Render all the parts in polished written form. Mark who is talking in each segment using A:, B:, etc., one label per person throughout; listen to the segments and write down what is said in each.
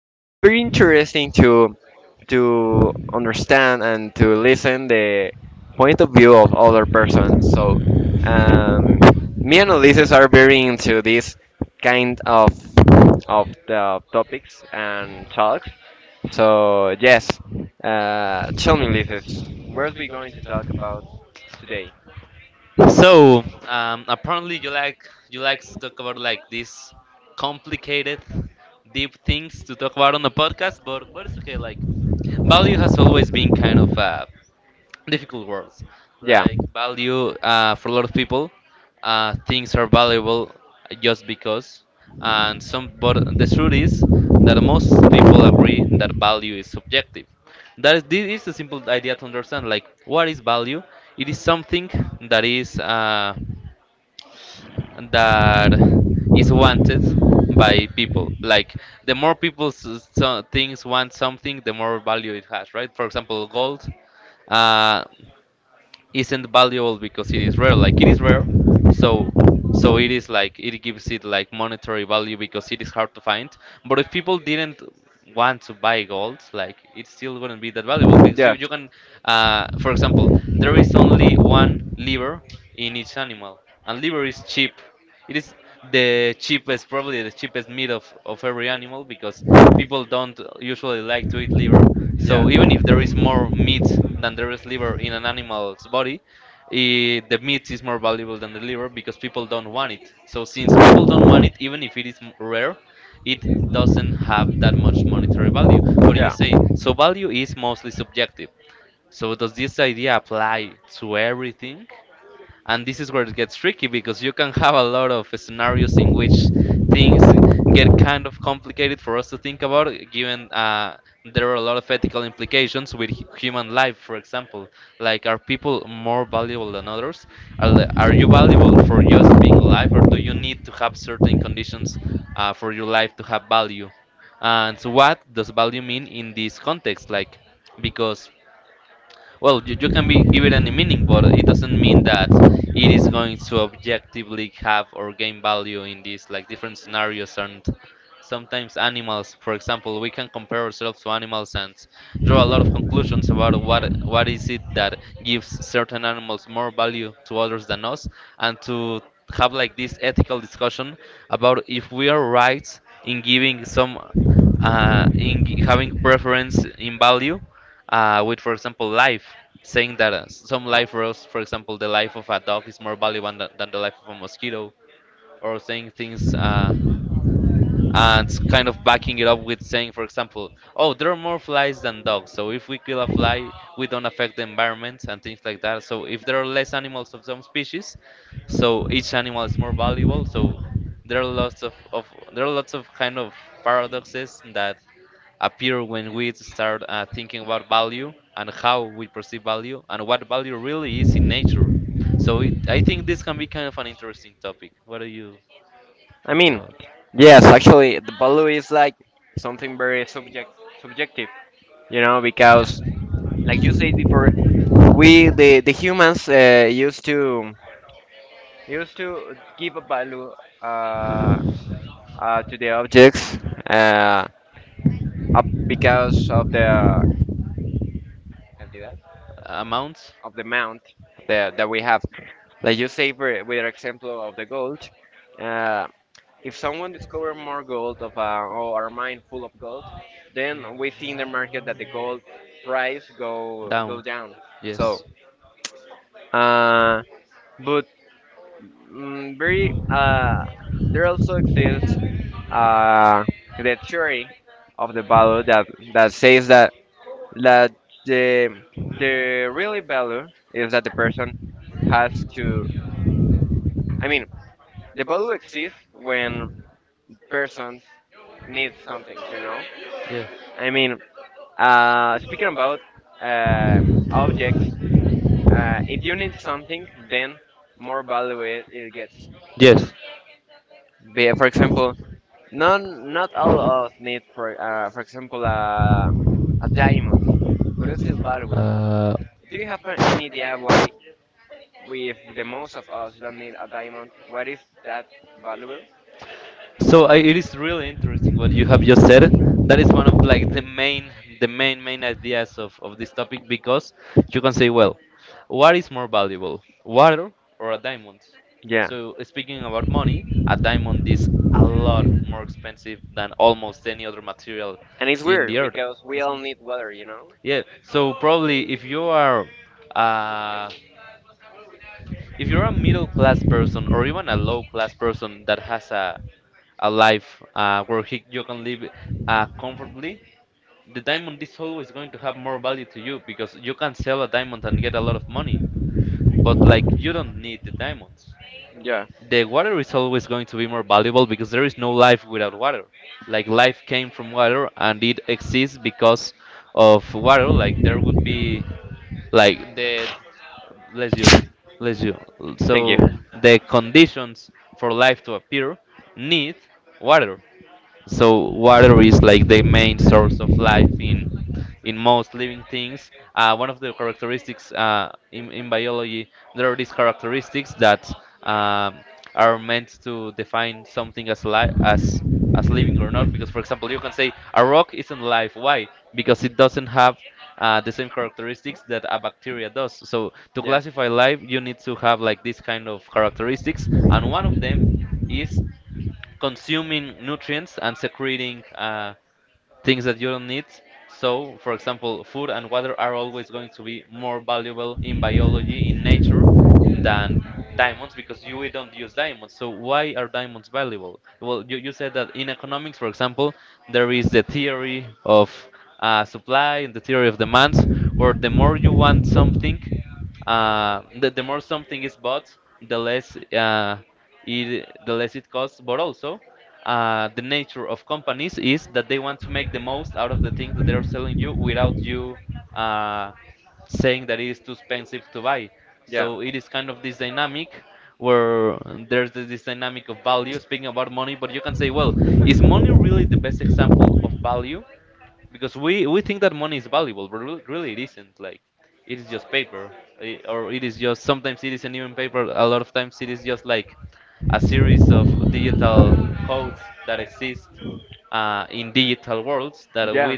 A: it's very interesting to understand and to listen the point of view of other persons. So um, me and Ulises are very into this kind of the topics and talks, so yes, tell me, Lizis, what are we going to talk about today? Yeah. Yeah. Yeah. Yeah. I mean, yes, actually, the value is like something very subjective, you know, because like you said before, we the humans used to give a value uh, to the objects uh, up because of the cantidad, of the amount that we have. Like you say, for, with your example of the gold, uh, if someone discover more gold of or a mine full of gold, then we see in the market that the gold price go down. So, uh, but very there also exists uh, the theory of the value that says that the the really value is that the person has to. I mean, the value exists when person needs something. You know. I mean, speaking about uh, objects, if you need something, then more value it gets. For example, none, not all of us need, for example, a diamond, but it's still valuable. Do you have any idea why, with the most of us, don't need a diamond? What is that valuable? Yeah, and it's weird. Because we all need water, you know? Yeah, thank you. Yeah, yeah, yeah.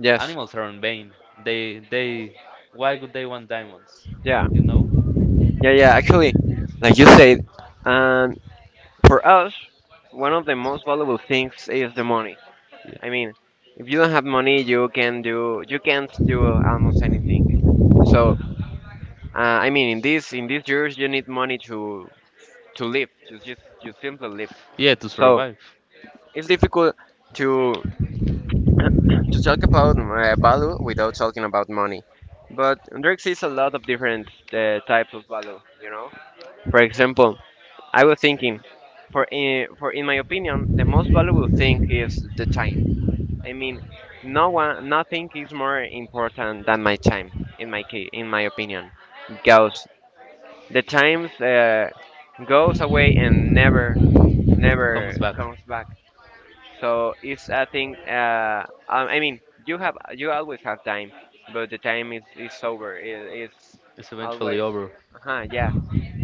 A: Yes. Yeah. Yeah. Yeah. Actually, like you said, um, for us, one of the most valuable things is the money. I mean, if you don't have money, you can't do almost anything. So, I mean, in these years, you need money to live, to just you simply live. So it's difficult to to talk about value without talking about money. But there exists a lot of different types of value. You know, for example. I was thinking, for in my opinion, the most valuable thing is the time. I mean, no one, nothing is more important than my time, in my case, in my opinion, because the time goes away and never comes back. So it's a thing. I mean, you always have time, but the time is over. It's always. Uh huh. Yeah,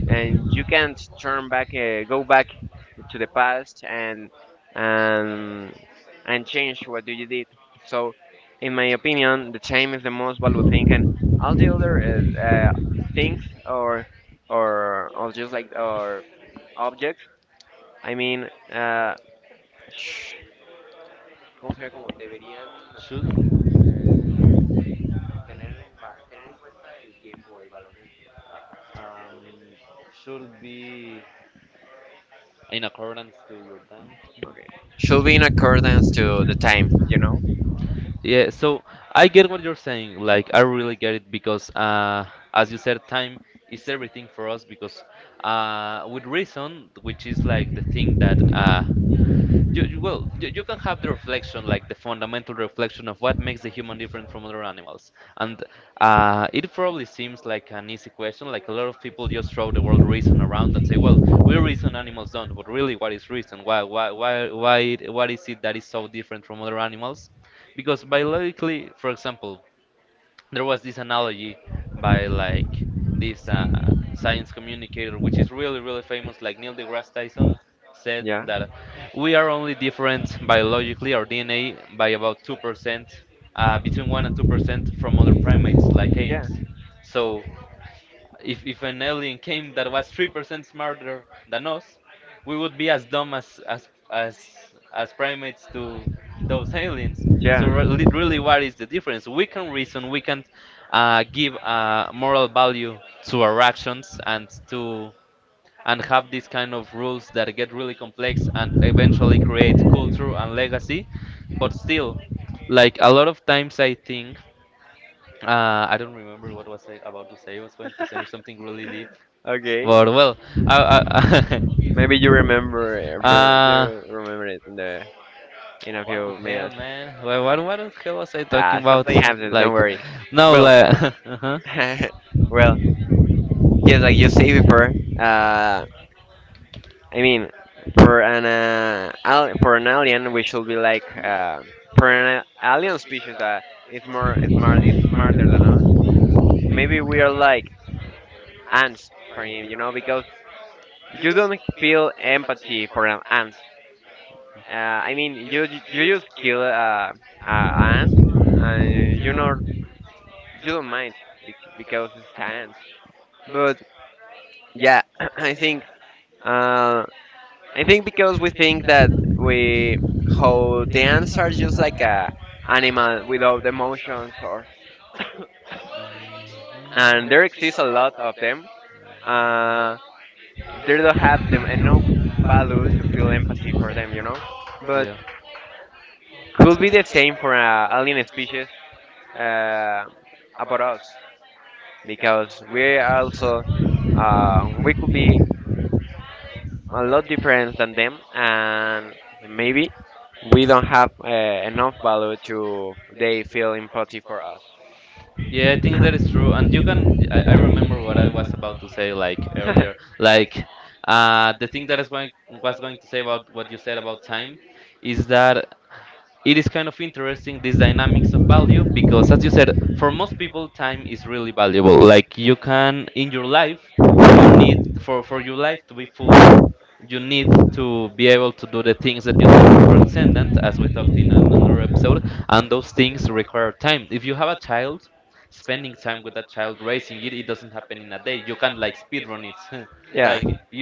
A: and you can't go back to the past and and change what you did. So, in my opinion, the time is the most valuable thing, and all the other things or just like or objects. I mean, sh- ¿cómo sería como debería? Okay. Should be in accordance to the time, you know? Yeah. Yeah. Yeah. Okay. Maybe you you remember it in the in a few minutes. Something happens. Don't worry. Well, well, just like you say before. Uh, I mean, for an alien, we should be like for an alien species that is smarter than us. Maybe we are like ants for him, you know, because you don't feel empathy for an ant. I mean, you just kill ant, and you know you don't mind because it's ant. But yeah, I think uh, I think because we think that we how the ants are just like a animal without emotions, or and there exists a lot of them. Uh, they don't have them enough value to feel empathy for them, you know. But could be the same for alien species uh, about us. Because we also we could be a lot different than them, and maybe we don't have enough value to they feel empathy for us.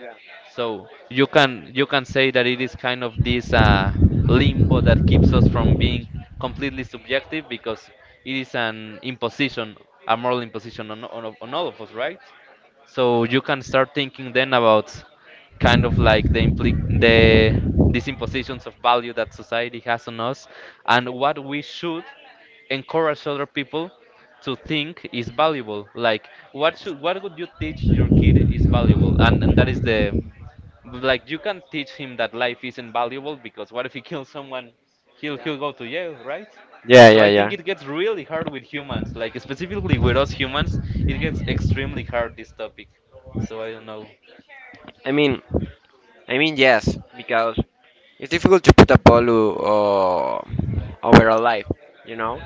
A: Yeah. Yeah. Yeah, yeah, yeah. I mean, I mean, yes, because it's difficult to put a value over a life, you know.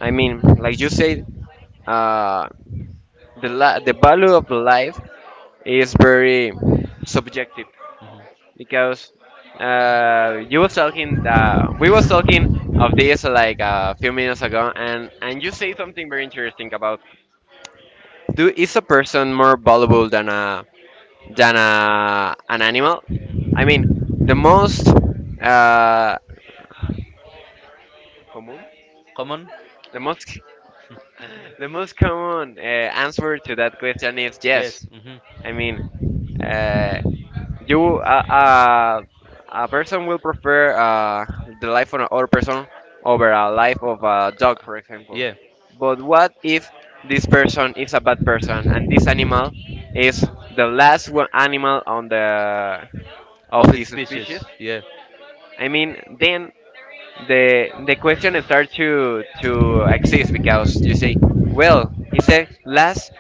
A: I mean, like you said, uh, the value of life is very subjective, because you was talking we was talking of this like a few minutes ago and you say something very interesting about do is a person more valuable than a an animal. I mean, the most uh común, the most the most common answer to that question is yes. I mean, uh, You, uh, uh, a person will prefer the life of another person over a life of a dog, for example. But what if this person is a bad person and this animal is the last one animal on the of his species? I mean, then the question starts to exist because you say, well, he's the last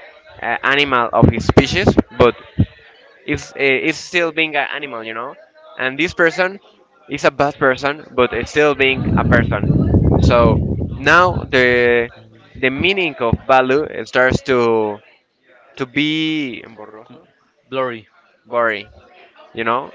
A: animal of his species, but is still being an animal, you know. And this person is a bad person, but it's still being a person. So now the meaning of value starts to be borroso, boring, you know.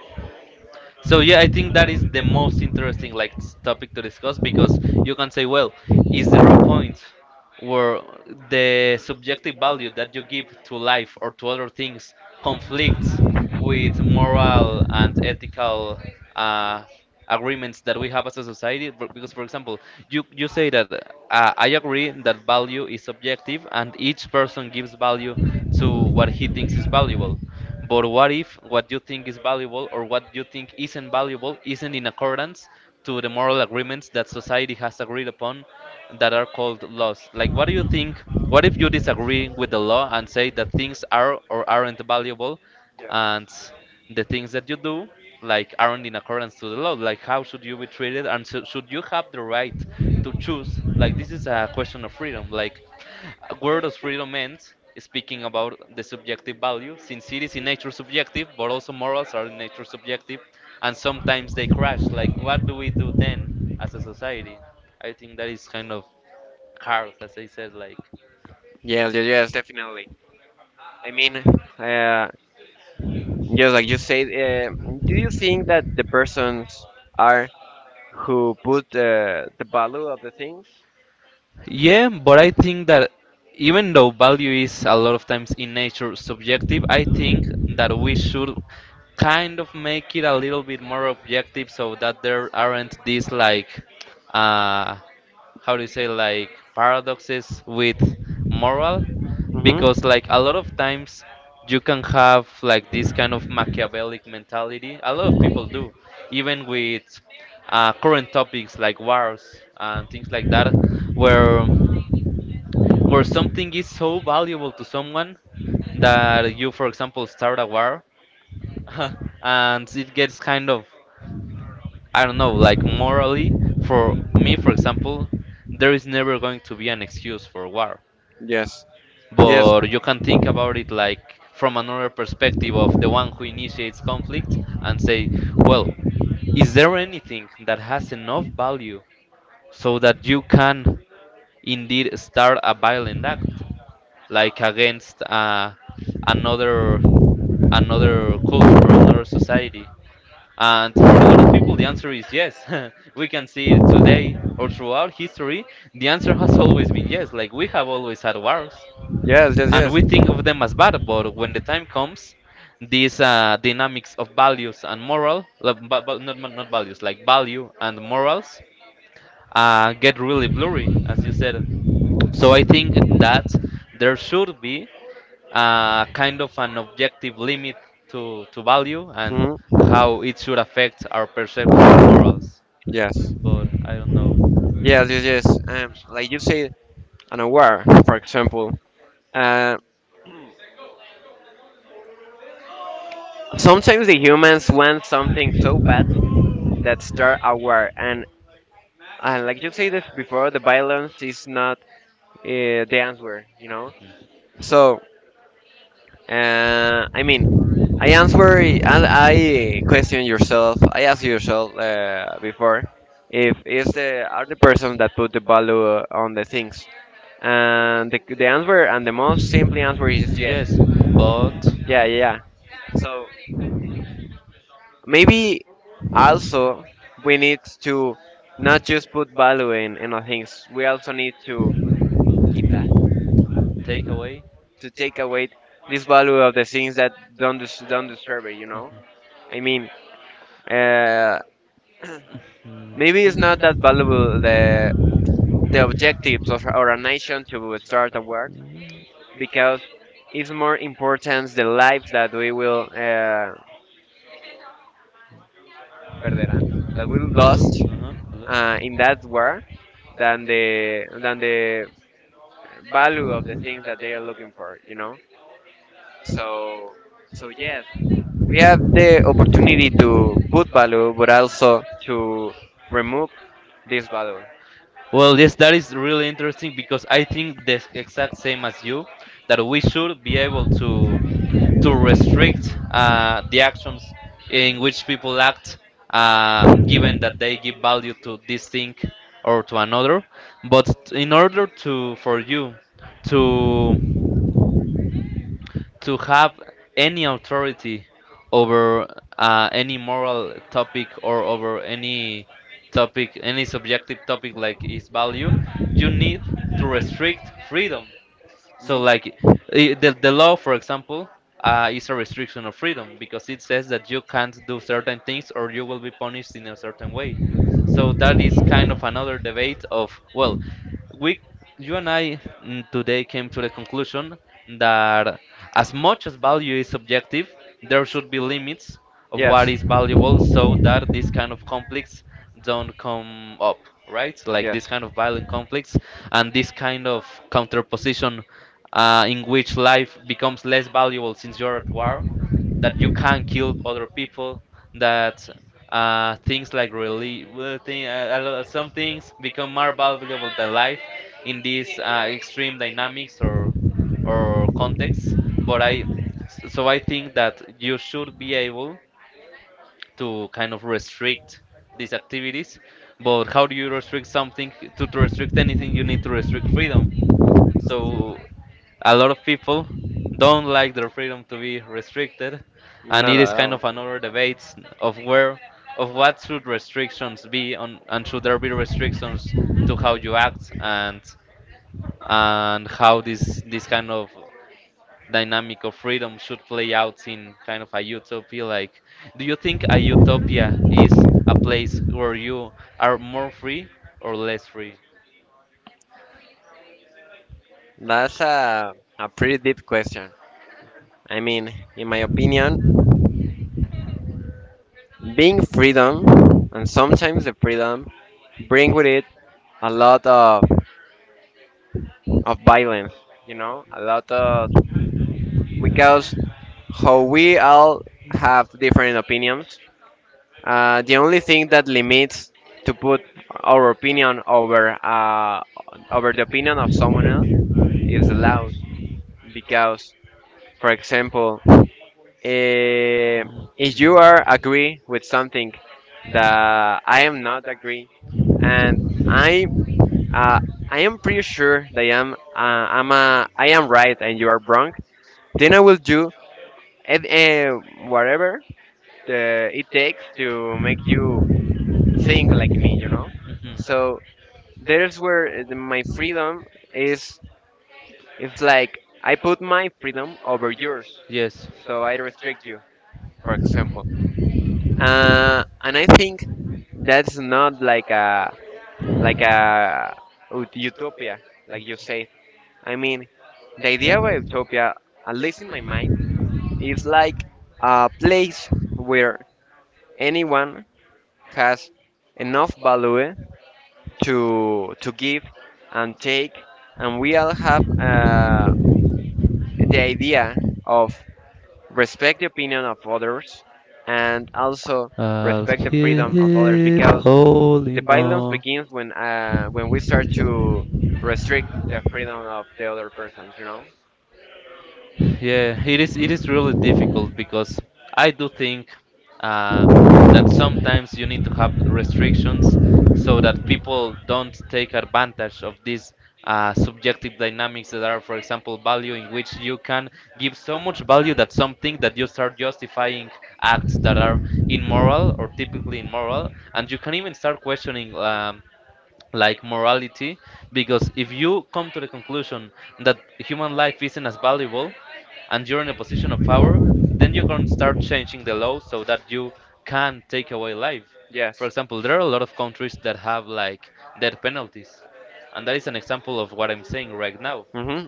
A: Yes, yes, yes, definitely. I mean, uh, just like you said, do you think that the persons are who put the value of the things? Hmm. Yes. Yes, yes, and yes. Know. Yes, yes, yes. Like you say, an unaware, for example. Uh, Sometimes the humans want something so bad that they're aware. And like you say this before, the violence is not the answer, you know. So, I mean, I question yourself, I ask yourself before if is the are the person that put the value on the things, and the most simple answer is yes, yeah, yeah, yeah. So maybe also we need to not just put value in our things. We also need to take away this value of the things that don't deserve it. You know, I mean, uh, maybe it's not that valuable the objectives of or a nation to start a war because it's more important the lives that we will perderán, that we lost in that war than the value of the things that they are looking for. You know, so so yes, we have the opportunity to put value, but also to remove this value. Yes. Yes. Not at all. That's a pretty deep question. I mean, in my opinion, being freedom, and sometimes the freedom, bring with it a lot of violence, you know, a lot of, because how we all have different opinions. The only thing that limits to put our opinion over the opinion of someone else is the laws. Because, for example, eh, if you are agree with something that I am not agree, and uh, I am pretty sure that I am right and you are wrong, then I will do eh, eh, whatever it takes to make you think like me, you know. So there's where my freedom is. It's like I put my freedom over yours, so I restrict you, for example. And I think that's not like a utopia, like you say. I mean, the idea of a utopia, at least in my mind, is like a place where anyone has enough value to give and take, and we all have the idea of respect the opinion of others and also respect the freedom of others because the violence begins when we start to restrict the freedom of the other persons. You know? Yes. Mm-hmm.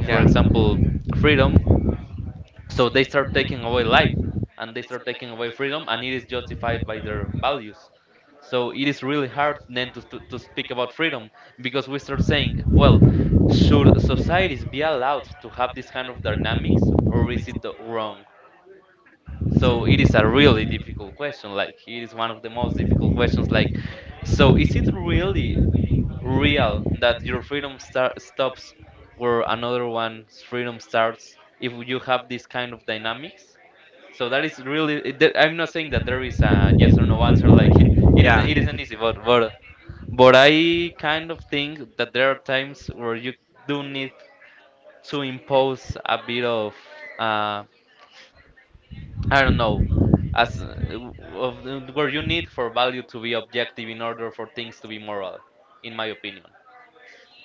A: Yeah. Yeah.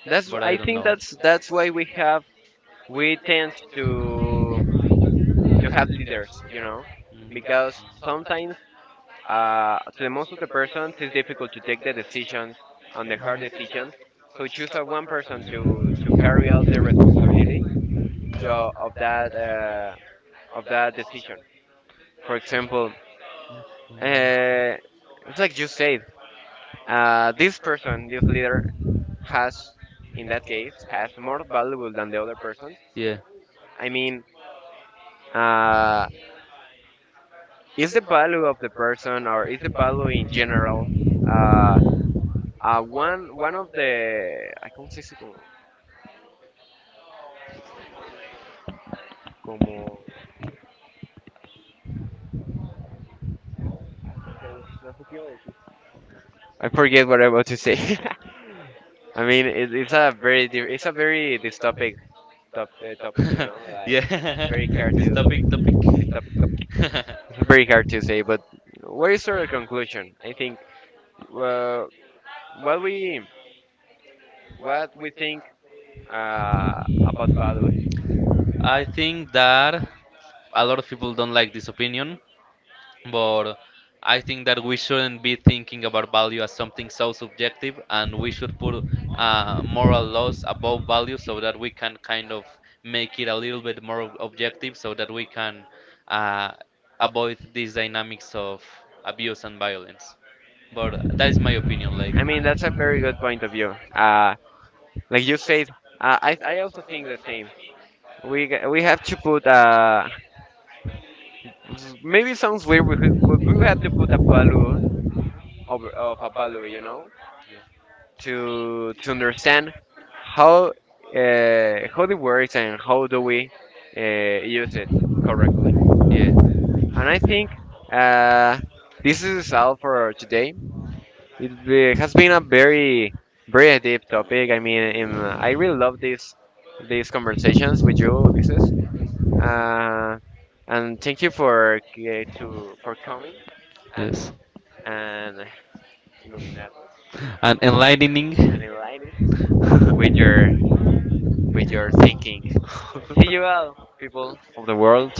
A: That's I think that's why we tend to have leaders, you know, because sometimes to the most of the persons it's difficult to take the decisions and the hard decisions. So choose a one person to carry out the responsibility the, of that uh, of that decision. For example, uh, it's like you said, this leader has in that case has more valuable than the other person. I mean, uh, is the value of the person or is the value in general, uh, one of the I cómo se dice como, como I forget what I want to say. I mean, it's a very this topic, you know, like very hard to this topic, it's very hard to say, but what is your conclusion? I think uh, what we what we think about value. I mean, that's a very good point of view. Like you said, I also think the same. We have to put maybe it sounds weird, but we have to put a value of a value, you know, to understand how how it works and how do we use it correctly. And I think uh, this is all for today. It has been a very very deep topic. I mean, I really love this these conversations with you, Ulises. Uh, and thank you for to for coming and and illuminating and enlightening with your with your thinking. See you all, people of the world.